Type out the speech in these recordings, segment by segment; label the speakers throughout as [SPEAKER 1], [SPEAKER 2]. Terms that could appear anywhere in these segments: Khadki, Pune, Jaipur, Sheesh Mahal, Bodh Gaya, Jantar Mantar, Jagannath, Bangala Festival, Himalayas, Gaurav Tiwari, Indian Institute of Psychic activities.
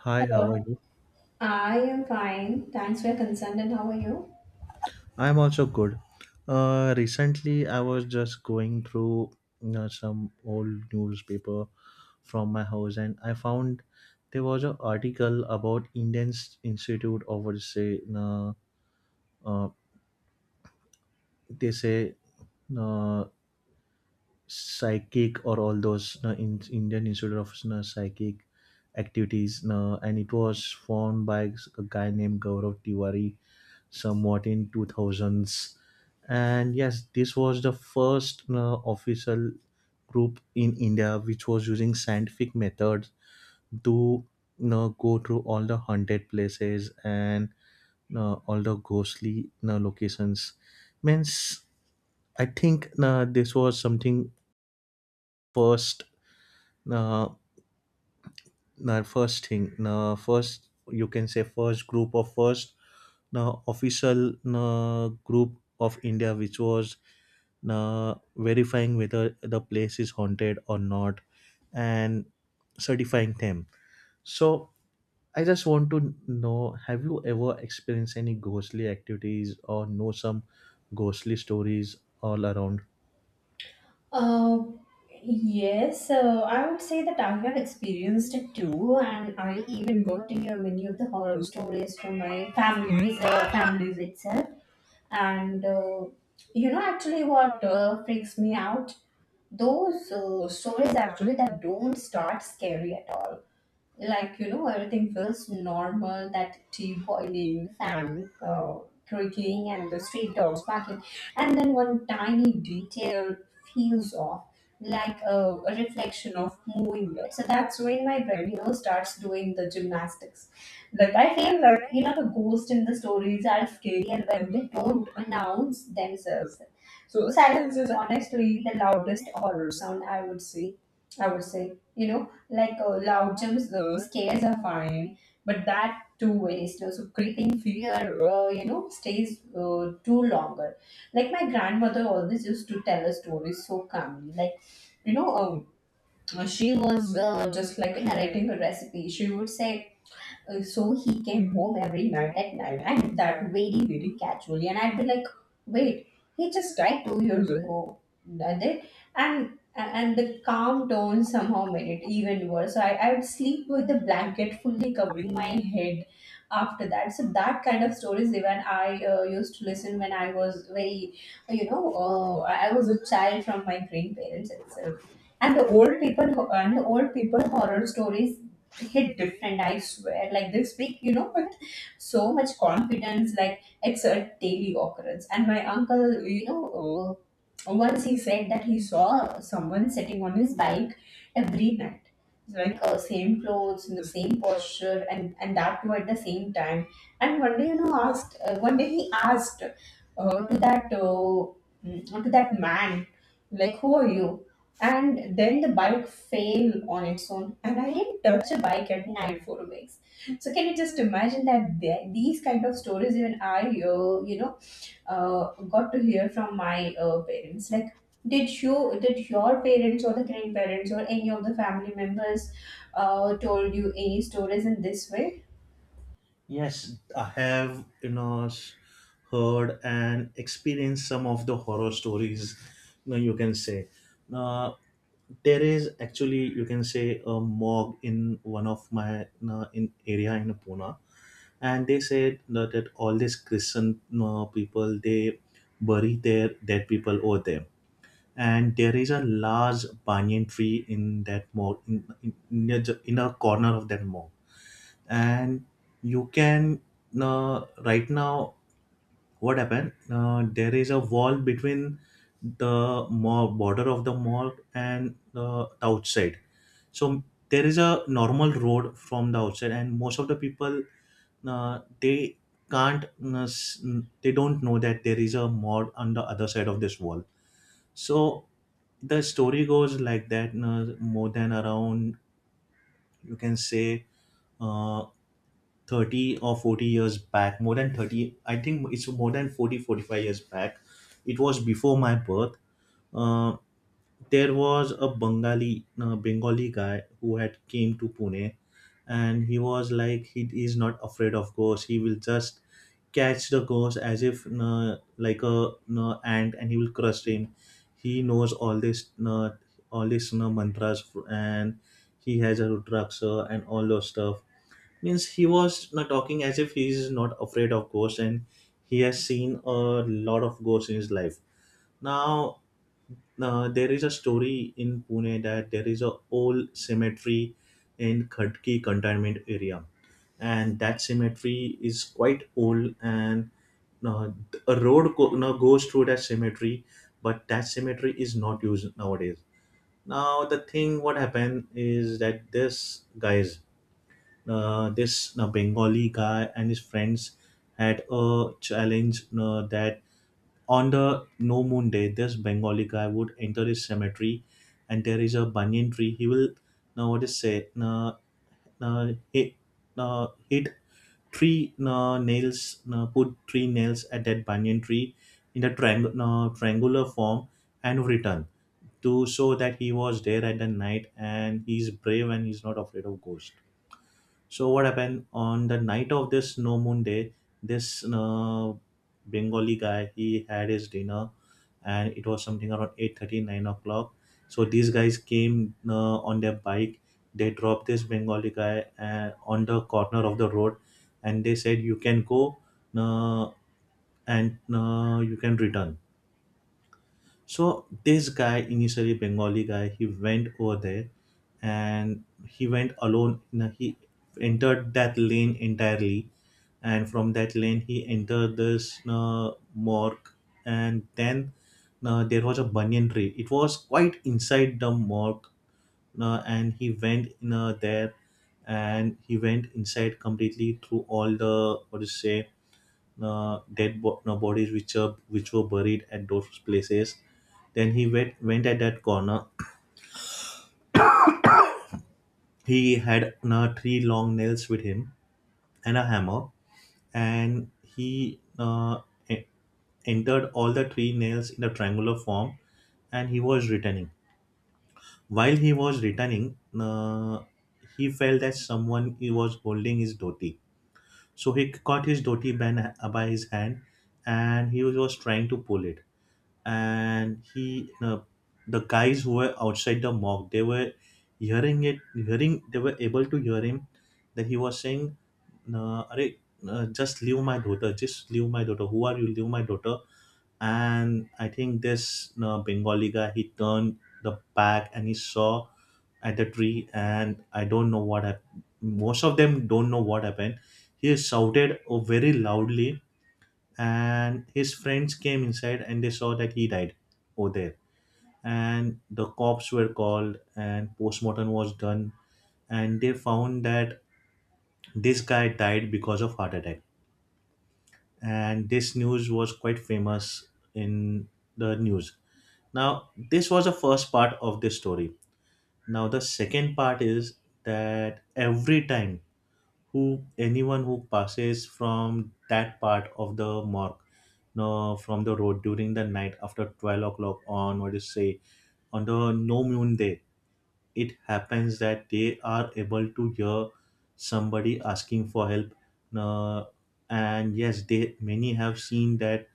[SPEAKER 1] Hi, how are
[SPEAKER 2] Hello.
[SPEAKER 1] you?
[SPEAKER 2] I am fine. Thanks for your concern. And how are you?
[SPEAKER 1] I'm also good. Recently, I was just going through some old newspaper from my house, and I found there was an article about Indian Institute of what to say, uh, they say, uh, psychic or all those in Indian Institute of Psychic activities, and it was formed by a guy named Gaurav Tiwari somewhat in 2000s. And yes, this was the first official group in India which was using scientific methods to go through all the haunted places, and all the ghostly locations. Means I think this was something first. now, Now first thing, now first you can say first group of first, now official, now group of India, which was now verifying whether the place is haunted or not, and certifying them. So I just want to know: have you ever experienced any ghostly activities or know some ghostly stories all around?
[SPEAKER 2] Uh, yes, I would say that I have experienced it too, and I even got to hear many of the horror stories from my families itself. And you know actually what freaks me out, those stories actually that don't start scary at all. Like you know, everything feels normal, that tea boiling and creaking and the street dogs barking, and then one tiny detail feels off, like a reflection of moving it. So that's when my brain, you know, starts doing the gymnastics. Like I feel that, you know, the ghosts in the stories are scarier when they don't announce themselves. So silence is honestly the loudest horror sound, I would say. I would say, you know, like loud jumps, scares are fine, but that too waste. So creeping fear, stays too longer. Like my grandmother always used to tell a story so calmly, like you know, um, she was just like narrating a recipe. She would say, so he came home every night at night, and that very, very casually. And I'd be like, wait, he just died 2 years ago. Did it? And the calm tone somehow made it even worse. So I would sleep with the blanket fully covering my head after that. So that kind of stories, even I used to listen when I was I was a child, from my grandparents itself. And the old people, and the old people horror stories hit different, I swear, like this big, you know, but so much confidence, like it's a daily occurrence. And my uncle, you know, once he said that he saw someone sitting on his bike every night. It's like same clothes in the same posture, and that too at the same time. And one day, you know, asked, one day he asked, to that man, like, who are you? And then the bike fell on its own, and I didn't touch a bike at night for weeks. So can you just imagine that, these kind of stories even I uh, you know got to hear from my parents. Like, did you, did your parents or the grandparents or any of the family members told you any stories in this way?
[SPEAKER 1] Yes, I have, heard and experienced some of the horror stories, you can say. Uh, there is actually, you can say, a morgue in one of my in area in Pune, and they said that all these Christian people, they bury their dead people over there, and there is a large banyan tree in that morgue, in a corner of that morgue. And you can, right now, what happened, there is a wall between the mall, border of the mall, and the outside. So there is a normal road from the outside, and most of the people, they can't, they don't know that there is a mall on the other side of this wall. So the story goes like that, more than around, you can say, uh, 30 or 40 years back. More than 30, I think it's more than 40, 45 years back. It was before my birth. uh, there was a Bengali guy who had came to Pune, and he was like, he is not afraid of ghosts. He will just catch the ghost as if, like a, ant, and he will crush him. He knows all this, mantras, and he has a rudraksha and all those stuff. Means he was not talking, as if he is not afraid of ghosts, and he has seen a lot of ghosts in his life. Now, there is a story in Pune that there is a old cemetery in Khadki containment area, and that cemetery is quite old. And uh, a road go, no, goes through that cemetery, but that cemetery is not used nowadays. Now the thing what happened is that this guys, this Bengali guy and his friends had a challenge, that on the no moon day, this Bengali guy would enter his cemetery, and there is a banyan tree. He will, now what is say, na, na hit, na hit three, na nails, na put three nails at that banyan tree in the triangular form, and return to show that he was there at the night, and he's brave and he's not afraid of ghosts. So what happened on the night of this no moon day? This Bengali guy, he had his dinner, and it was something around eight thirty nine o'clock. So these guys came on their bike. They dropped this Bengali guy on the corner of the road, and they said, "You can go, uh, and you can return." So this guy, initially Bengali guy, he went over there, and he went alone. He entered that lane entirely, and from that lane he entered this morgue. And then there was a banyan tree. It was quite inside the morgue. And he went in there, and he went inside completely through all the what do you say, dead, bo- no, bodies which were buried at those places. Then he went at that corner. He had three long nails with him, and a hammer. And he, e- entered all the three nails in a triangular form, and he was returning. While he was returning, he felt that someone he was holding his dhoti. So he caught his dhoti by his hand, and he was trying to pull it. And he no, the guys who were outside the mob, they were hearing it, hearing, they were able to hear him, that he was saying, no, Are, no, Just leave my daughter, just leave my daughter, who are you, leave my daughter." And I think this, no, Bengali guy, he turned the back, and he saw at the tree. And I don't know what happened, most of them don't know what happened. He shouted, oh, very loudly, and his friends came inside, and they saw that he died over there. And the cops were called, and postmortem was done, and they found that this guy died because of heart attack. And this news was quite famous in the news. Now, this was the first part of this story. Now, the second part is that every time, who anyone who passes from that part of the mark no, from the road during the night, after 12 o'clock, on what is say, on the no moon day, it happens that they are able to hear somebody asking for help. No, And yes, they many have seen that.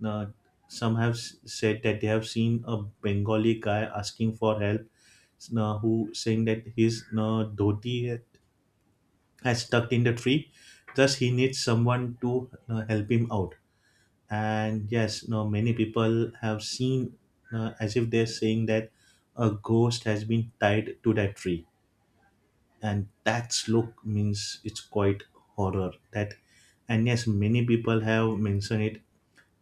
[SPEAKER 1] No, Some have said that they have seen a Bengali guy asking for help, no, who saying that his, no, dhoti has stuck in the tree, thus he needs someone to help him out. And yes, now many people have seen, as if they're saying that a ghost has been tied to that tree, and that's look, means it's quite horror that. And yes, many people have mentioned it,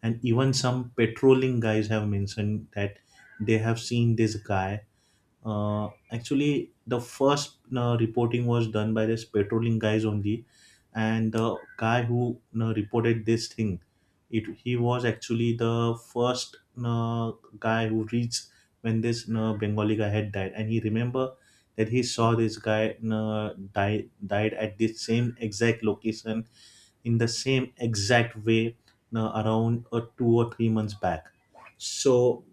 [SPEAKER 1] and even some patrolling guys have mentioned that they have seen this guy. Actually, the first reporting was done by this patrolling guys only, and the guy who reported this thing, it he was actually the first uh, guy who reached when this Bengali guy had died. And he remember that he saw this guy died at this same exact location in the same exact way, around 2 or 3 months back. So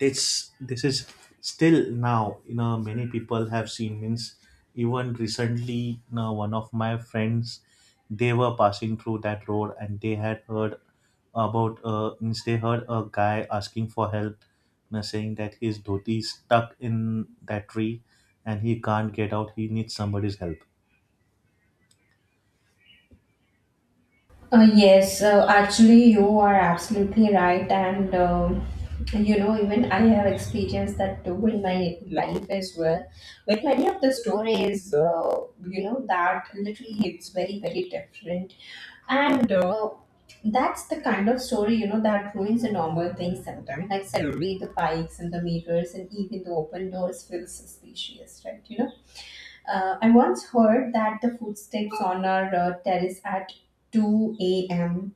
[SPEAKER 1] it's, this is still now, many people have seen, means even recently, one of my friends, they were passing through that road, and they had heard about, means, they heard a guy asking for help, saying that his dhoti is stuck in that tree, and he can't get out, he needs somebody's help.
[SPEAKER 2] Yes, actually, you are absolutely right, and you know, even I have experienced that too in my life as well. With many of the stories, you know, that literally it's very, very different, and that's the kind of story, you know, that ruins the normal things sometimes. Like suddenly the bikes and the mirrors and even the open doors feel suspicious, right? You know, I once heard that the footsteps on our terrace at 2 a.m.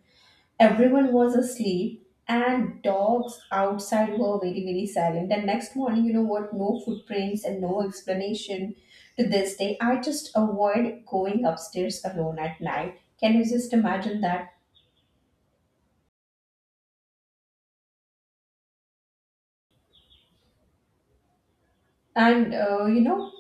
[SPEAKER 2] Everyone was asleep and dogs outside were very, very silent. And next morning, you know what? No footprints and no explanation to this day. I just avoid going upstairs alone at night. Can you just imagine that? And, uh, you know,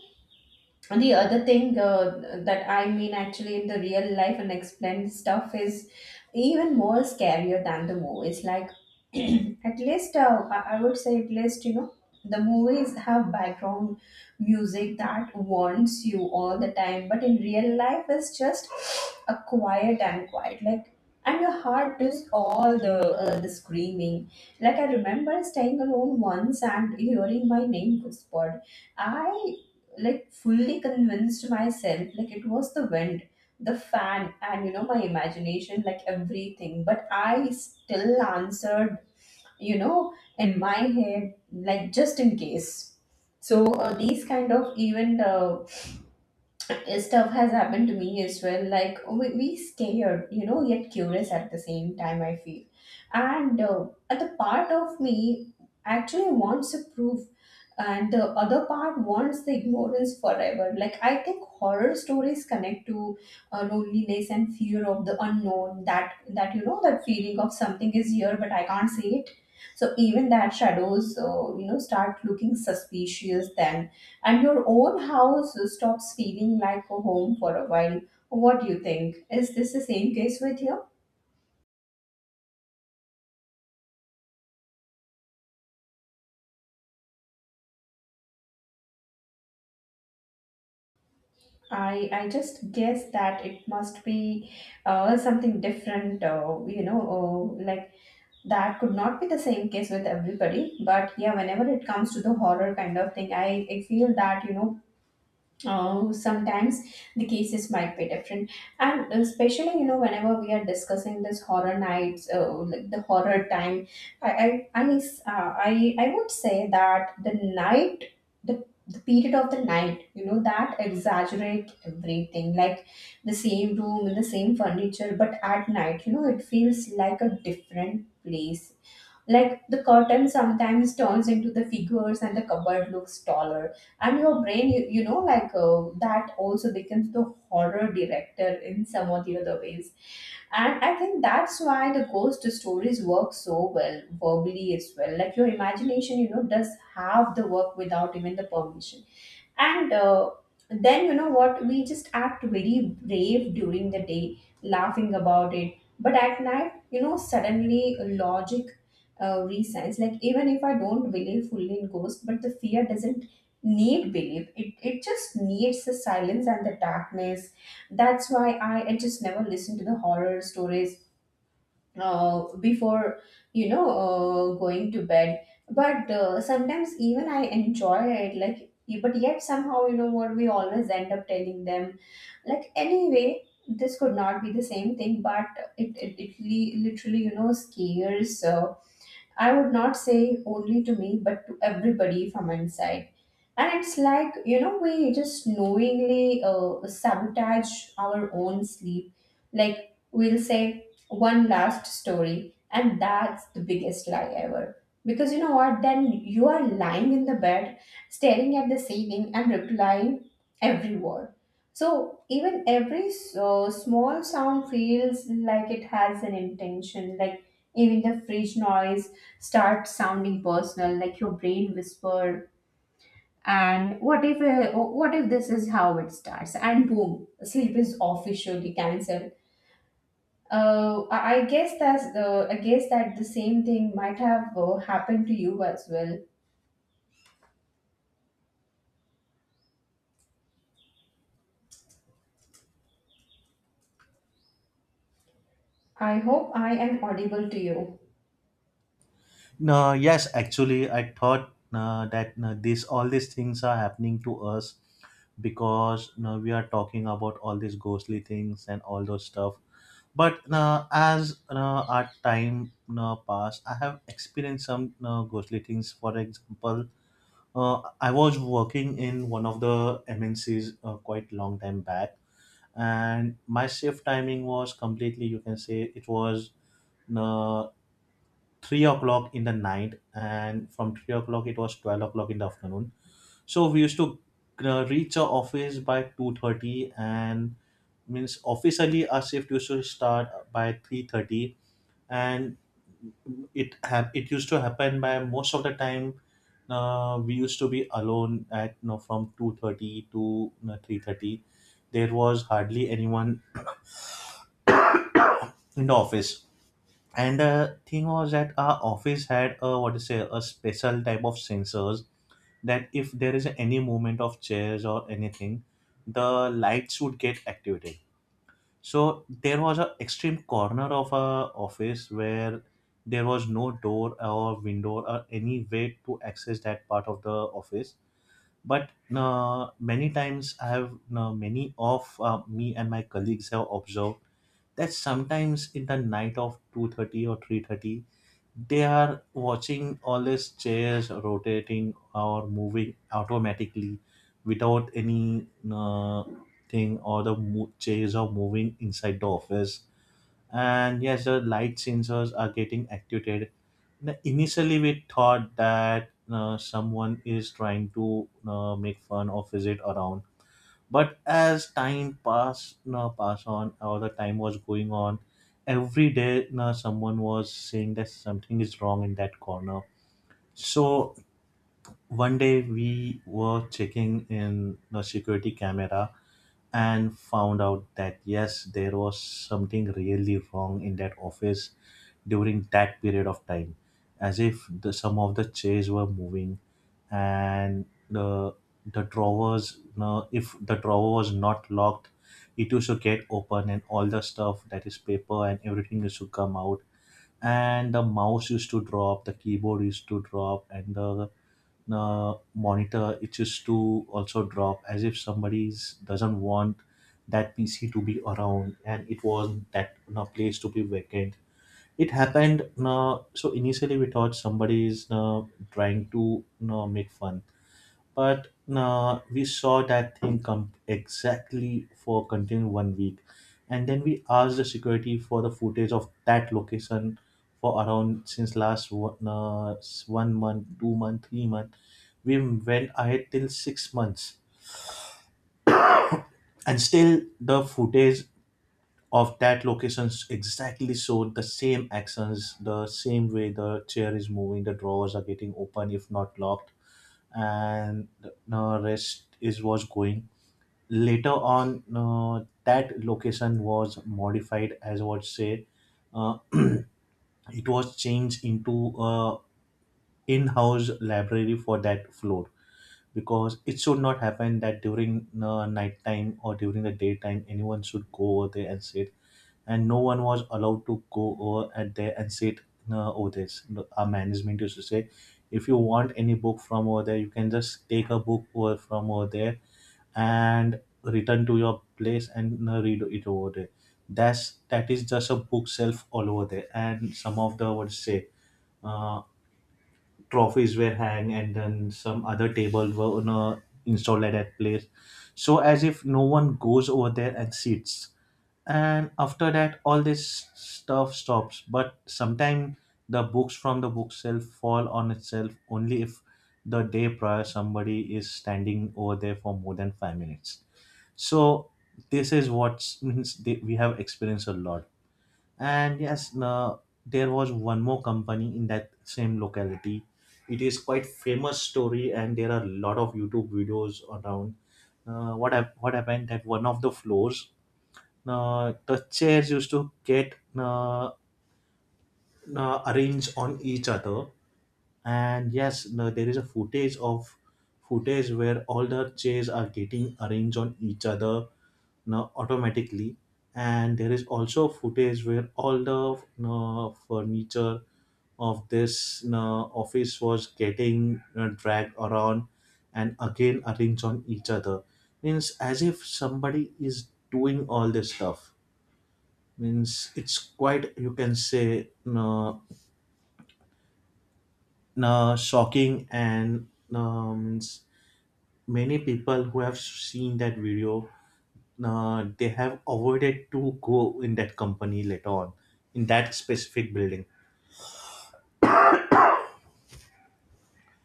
[SPEAKER 2] And the other thing that I mean, actually in the real life and explained stuff is even more scarier than the movies. Like at least I would say, at least you know, the movies have background music that warns you all the time, but in real life it's just a quiet and quiet, like. And your heart is all the screaming. Like I remember staying alone once and hearing my name whispered. I like fully convinced myself like it was the wind, the fan, and you know, my imagination, like everything. But I still answered, you know, in my head, like just in case. So these kind of even stuff has happened to me as well. Like, oh, we scared, you know, yet curious at the same time, I feel. And at the part of me actually wants to prove, and the other part wants the ignorance forever. Like I think horror stories connect to loneliness and fear of the unknown. That you know, that feeling of something is here but I can't see it. So even that shadows, you know, start looking suspicious then, and your own house stops feeling like a home for a while. What do you think? Is this the same case with you? I just guess that it must be something different, like, that could not be the same case with everybody. But yeah, whenever it comes to the horror kind of thing, I feel that, you know, oh, sometimes the cases might be different, and especially you know, whenever we are discussing this horror nights, like the horror time, I mean, I would say that the night, the period of the night, you know, that exaggerate everything, like the same room, the same furniture, but at night, you know, it feels like a different place, like the curtain sometimes turns into the figures and the cupboard looks taller. And your brain, you know, like that also becomes the horror director in some of the other ways. And I think that's why the ghost stories work so well verbally as well. Like your imagination, you know, does have the work without even the permission. And then, you know what, we just act very brave during the day, laughing about it. But at night, you know, suddenly logic rescience. Like, even if I don't believe fully in ghosts, but the fear doesn't need belief. It just needs the silence and the darkness. That's why I just never listen to the horror stories before going to bed. But sometimes even I enjoy it. Like, but yet somehow you know what, we always end up telling them. Like, anyway. This could not be the same thing, but it literally, you know, scares I would not say only to me, but to everybody from inside. And it's like, you know, we just knowingly sabotage our own sleep. Like, we'll say one last story, and that's the biggest lie ever. Because you know what? Then you are lying in the bed, staring at the ceiling, and replying every word. So even every small sound feels like it has an intention, like even the fridge noise start sounding personal, like your brain whisper, and what if, what if this is how it starts, and boom, sleep is officially cancelled. I guess that's the, I guess that the same thing might have happened to you as well. I hope I am audible to you.
[SPEAKER 1] No, yes, actually, I thought that this, all these things are happening to us because you we are talking about all these ghostly things and all those stuff. But as our time passed, I have experienced some ghostly things. For example, I was working in one of the MNCs quite long time back, and my shift timing was completely, you can say, it was 3 o'clock in the night, and from 3 o'clock it was 12 o'clock in the afternoon. So we used to reach our office by 2:30, and means officially our shift used to start by 3:30. And it used to happen by most of the time we used to be alone at, from 2:30 to, 3:30, there was hardly anyone in the office. And the thing was that our office had a what to say, a special type of sensors, that if there is any movement of chairs or anything, the lights would get activated. So there was an extreme corner of our office where there was no door or window or any way to access that part of the office. But many times I have, many of me and my colleagues have observed that sometimes in the night of 2:30 or 3:30, they are watching all these chairs rotating or moving automatically without any thing, or chairs are moving inside the office. And yes, the light sensors are getting activated. Now, initially, we thought that someone is trying to make fun or visit around. But as time passed no, pass on, or the time was going on every day, no, someone was saying that something is wrong in that corner. So one day we were checking in the security camera, and found out that yes, there was something really wrong in that office during that period of time, as if the, some of the chairs were moving, and the drawers. No, if the drawer was not locked, it used to get open, and all the stuff that is paper and everything used to come out. And the mouse used to drop, the keyboard used to drop, and the monitor it used to also drop, as if somebody's doesn't want that pc to be around and it was that place to be vacant it happened. So initially, we thought somebody is trying to make fun, but we saw that thing come exactly for continue 1 week, and then we asked the security for the footage of that location for around since last one, 1 month, 2 month, 3 month. We went ahead till 6 months, and still the footage of that locations exactly showed the same actions, the same way the chair is moving, the drawers are getting open if not locked, and the rest is was going. Later on, that location was modified as what say, it was changed into a in-house library for that floor, because it should not happen that during nighttime or during the daytime anyone should go over there and sit, and no one was allowed to go over at there and sit over there. So our management used to say, if you want any book from over there, you can just take a book over from over there and return to your place and read it over there. That is just a bookshelf all over there, and some of the what to say, uh, trophies were hanged and then some other table were installed at that place, so as if no one goes over there and sits. And after that all this stuff stops, but sometimes the books from the bookshelf fall on itself only if the day prior somebody is standing over there for more than 5 minutes. So this is what means they, we have experienced a lot. And yes, no, there was one more company in that same locality. It is quite famous story, and there are a lot of YouTube videos around. What happened that one of the floors, the chairs used to get arranged on each other, and yes no, there is a footage of footage where all the chairs are getting arranged on each other now automatically. And there is also footage where all the you furniture of this you office was getting you dragged around and again arranged on each other, means as if somebody is doing all this stuff, means it's quite you can say no, shocking. And um, many people who have seen that video, they have avoided to go in that company later on, in that specific building.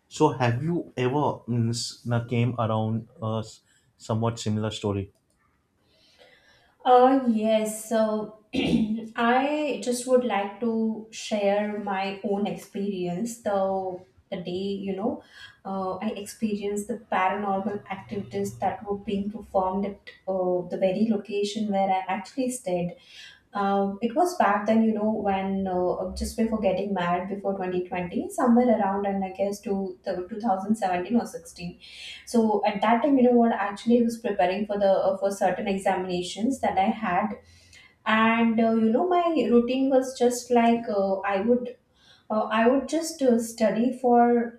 [SPEAKER 1] So have you ever means, came around a somewhat similar story?
[SPEAKER 2] Yes, so I just would like to share my own experience. Though the day, you know, I experienced the paranormal activities that were being performed at the very location where I actually stayed. It was back then, you know, when just before getting married, before 2020, somewhere around, and I guess to the 2017 or 16. So at that time, you know what, actually, I was preparing for the for certain examinations that I had, and you know, my routine was just like I would just study for.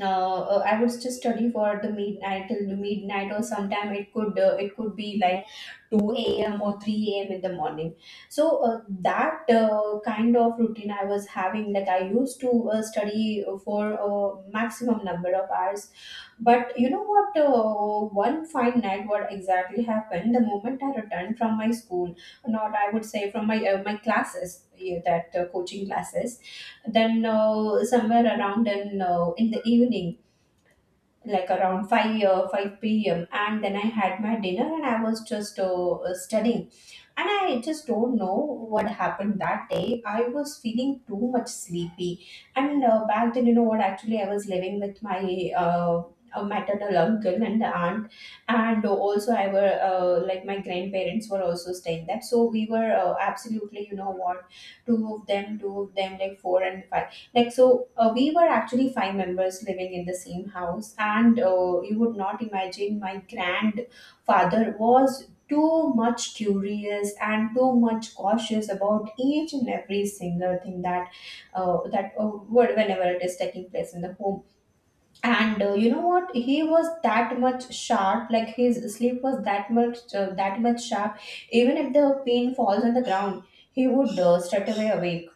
[SPEAKER 2] I would just study for the midnight till the midnight, or sometime it could be like 2 a.m. or 3 a.m. in the morning. So that kind of routine I was having, like I used to study for a maximum number of hours. But you know what? One fine night, what exactly happened? The moment I returned from my school, not I would say from my my classes, yeah, that coaching classes, then somewhere around in the evening, like around 5 p.m., and then I had my dinner and I was just studying. And I just don't know what happened that day. I was feeling too much sleepy. And back then, you know what, actually, I was living with my. A maternal uncle and aunt, and also I were, like, my grandparents were also staying there. So we were, absolutely, you know what, two of them, two of them, like four and five. We were actually five members living in the same house. And you would not imagine, my grandfather was too much curious and too much cautious about each and every single thing that whenever it is taking place in the home. And you know what, he was that much sharp, like his sleep was that much, sharp. Even if the pin falls on the ground, he would straight away awake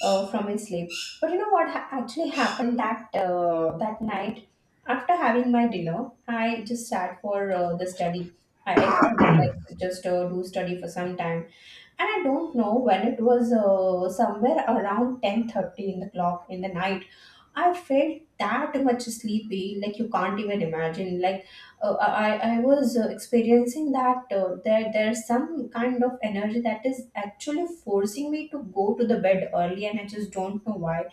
[SPEAKER 2] from his sleep. But you know what actually happened that that night? After having my dinner, I just sat for the study. I thought that, like, just do study for some time, and I don't know when it was, somewhere around 10:30 in the clock in the night. I felt that much sleepy, like you can't even imagine. Like, I was experiencing that there's some kind of energy that is actually forcing me to go to the bed early, and I just don't know why.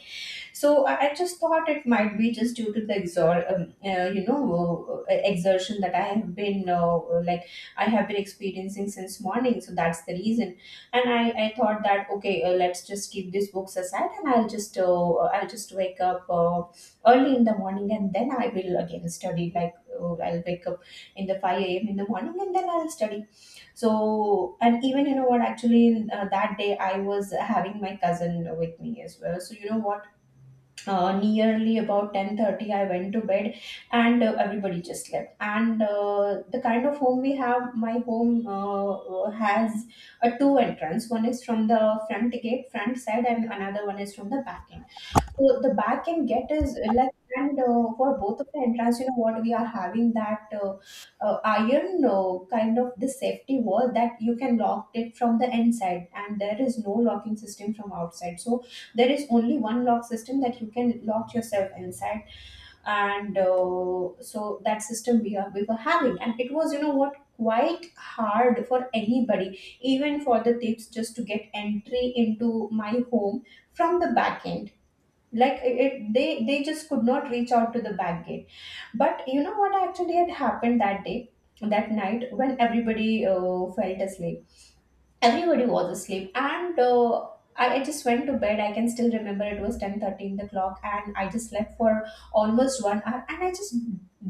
[SPEAKER 2] So I just thought it might be just due to the you know, exertion that I have been, like, I have been experiencing since morning. So that's the reason. And I thought that, okay, let's just keep these books aside, and I'll just wake up early in the morning, and then I will again study. Like, I'll wake up in the 5 a.m. in the morning, and then I'll study. So, and even, you know what, actually, in, that day I was having my cousin with me as well. So, you know what, nearly about 10:30 I went to bed, and everybody just slept. And the kind of home we have, my home has a two entrance. One is from the front gate front side, and another one is from the back end. So the back end get is, like, and for both of the entrance, you know what, we are having that iron, kind of, the safety wall that you can lock it from the inside, and there is no locking system from outside. So there is only one lock system that you can lock yourself inside. And so that system we were having, and it was, you know what, quite hard for anybody, even for the tips, just to get entry into my home from the back end. Like, they just could not reach out to the back gate. But you know what actually had happened that day, that night, when everybody felt asleep, everybody was asleep. And I just went to bed. I can still remember, it was 10:30 in the clock, and I just slept for almost 1 hour. And I just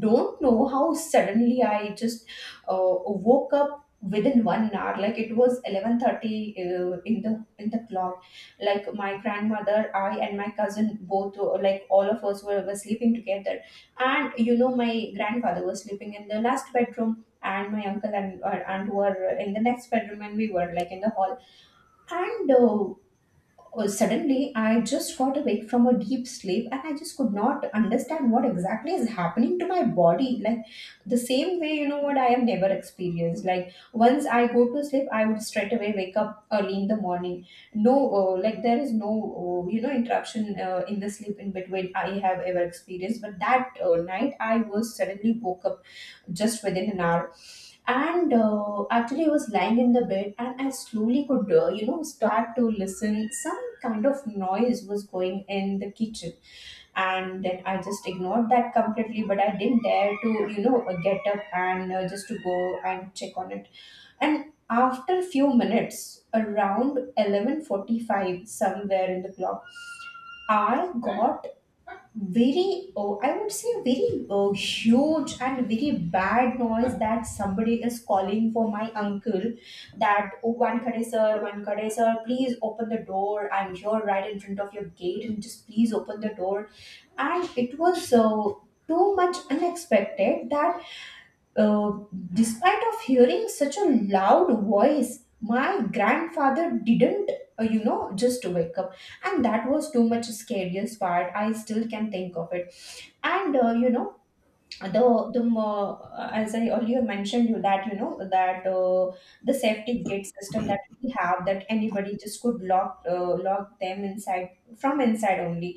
[SPEAKER 2] don't know how suddenly I just uh, woke up within 1 hour. Like, it was 11:30, in the clock. Like, my grandmother, I and my cousin like all of us were sleeping together. And you know, my grandfather was sleeping in the last bedroom, and my uncle and aunt were in the next bedroom, and we were, like, in the hall. And suddenly I just got awake from a deep sleep, and I just could not understand what exactly is happening to my body. Like, the same way, you know what, I have never experienced. Like, once I go to sleep, I would straight away wake up early in the morning. No, like, there is no you know, interruption, in the sleep in between, I have ever experienced. But that night, I was suddenly woke up just within an hour. And actually, I was lying in the bed, and I slowly could, you know, start to listen, some kind of noise was going in the kitchen. And then I just ignored that completely, but I didn't dare to, you know, get up and just to go and check on it. And after a few minutes, around 11:45 somewhere in the clock, I got very, oh, I would say, very huge and very bad noise that somebody is calling for my uncle, that, oh, one kade sir, one kade sir, please open the door, I'm here right in front of your gate, and just please open the door. And it was too much unexpected that, uh, despite of hearing such a loud voice, my grandfather didn't you know, just wake up. And that was too much scariest part, I still can think of it. And you know, as I earlier mentioned you that, you know, that the safety gate system that we have, that anybody just could lock, lock them inside from inside only.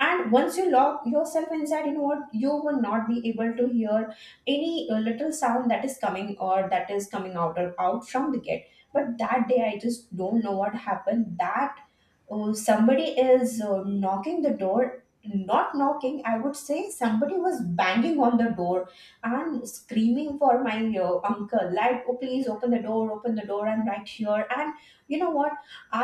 [SPEAKER 2] And once you lock yourself inside, you know what, you will not be able to hear any little sound that is coming, or that is coming out or out from the gate. But that day, I just don't know what happened, that somebody is knocking the door. Not knocking, I would say, somebody was banging on the door and screaming for my uncle, like, oh, please open the door, open the door, I'm right here. And you know what,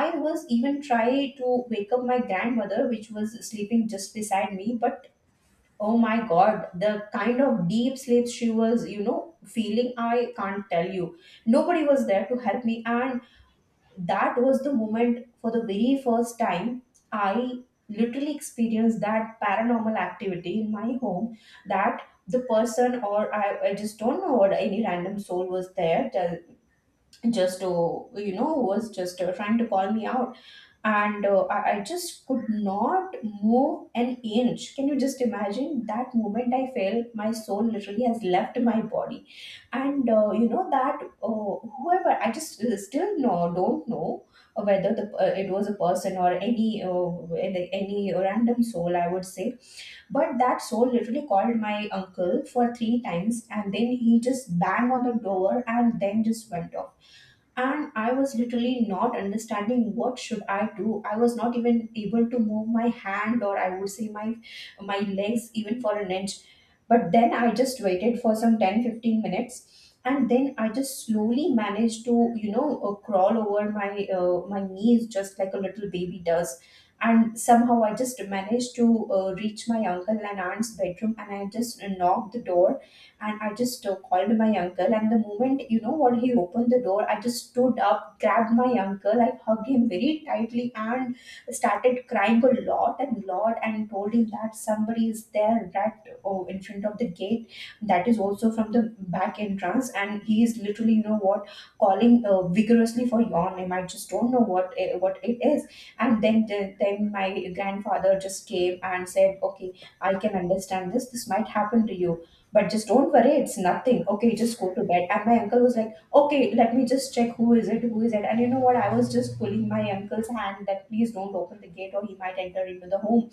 [SPEAKER 2] I was even trying to wake up my grandmother, which was sleeping just beside me. But oh my god, the kind of deep sleep she was, you know, feeling, I can't tell you. Nobody was there to help me, and that was the moment, for the very first time, I literally experienced that paranormal activity in my home. That the person, or, I just don't know what, any random soul was there tell, just to, you know, was just trying to call me out. And I just could not move an inch. Can you just imagine that moment? I felt my soul literally has left my body. And you know that whoever, I just still don't know whether the, it was a person or any random soul, I would say, but that soul literally called my uncle for three times, and then he just banged on the door and then just went off. And I was literally not understanding what should I do. I was not even able to move my hand, or I would say my, my legs, even for an inch. But then I just waited for some 10, 15 minutes, and then I just slowly managed to, you know, crawl over my, my knees, just like a little baby does. And somehow I just managed to reach my uncle and aunt's bedroom, and I just knocked the door, and I just called my uncle. And the moment, you know what, he opened the door, I just stood up, grabbed my uncle, I hugged him very tightly and started crying a lot and lot and told him that somebody is there right, oh, in front of the gate, that is also from the back entrance, and he is literally, you know what, calling vigorously for your name. I just don't know what, what it is. And then my grandfather just came and said, okay, I can understand, this might happen to you, but just don't worry, it's nothing, okay, just go to bed. And my uncle was like, okay, let me just check who is it. And you know what, I was just pulling my uncle's hand, that please don't open the gate or he might enter into the home.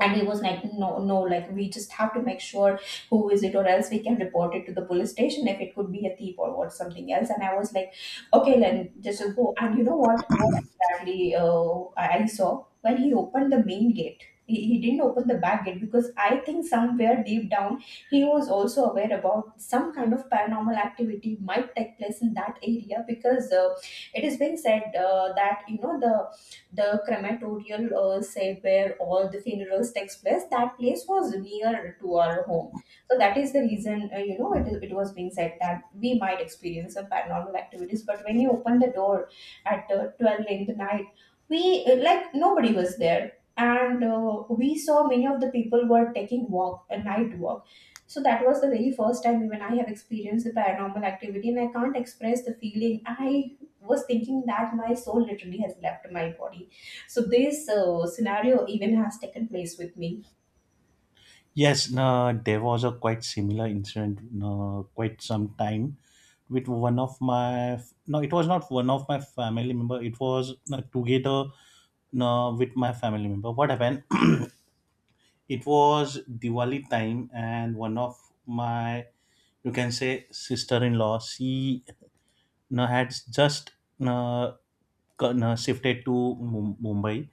[SPEAKER 2] And he was like, no, no, like, we just have to make sure who is it, or else we can report it to the police station if it could be a thief or what something else. And I was like, okay, then just go. And you know what exactly, I saw when he opened the main gate. He didn't open the back gate, because I think somewhere deep down he was also aware about some kind of paranormal activity might take place in that area, because it is being said, that, you know, the crematorial site where all the funerals takes place, that place was near to our home. So that is the reason, you know, it was being said that we might experience some paranormal activities. But when you open the door at 12 in the night, we, like, nobody was there. And we saw many of the people were taking walk, a night walk. So that was the very first time even I have experienced the paranormal activity, and I can't express the feeling. I was thinking that my soul literally has left my body. So this scenario even has taken place with me.
[SPEAKER 1] Yes, there was a quite similar incident, quite some time, with one of my no, it was not one of my family member, it was together with my family member. What happened, it was Diwali time, and one of my, you can say, sister-in-law, she you know, had just you know, you know, shifted to Mumbai,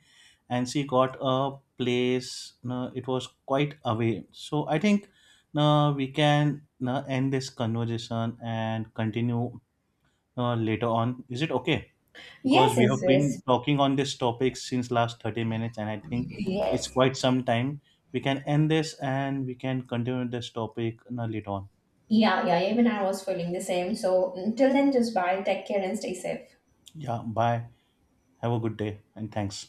[SPEAKER 1] and she got a place. You know, it was quite away, so I think you know, we can you know, end this conversation and continue later on. Is it okay? Because
[SPEAKER 2] Yes,
[SPEAKER 1] we
[SPEAKER 2] yes,
[SPEAKER 1] have been
[SPEAKER 2] yes.
[SPEAKER 1] talking on this topic since last 30 minutes and I think it's
[SPEAKER 2] Yes.
[SPEAKER 1] quite some time. We can end this and we can continue this topic you later on.
[SPEAKER 2] Yeah, yeah, even I was feeling the same. So until then, just bye, take care, and stay safe.
[SPEAKER 1] Yeah, bye. Have a good day, and thanks.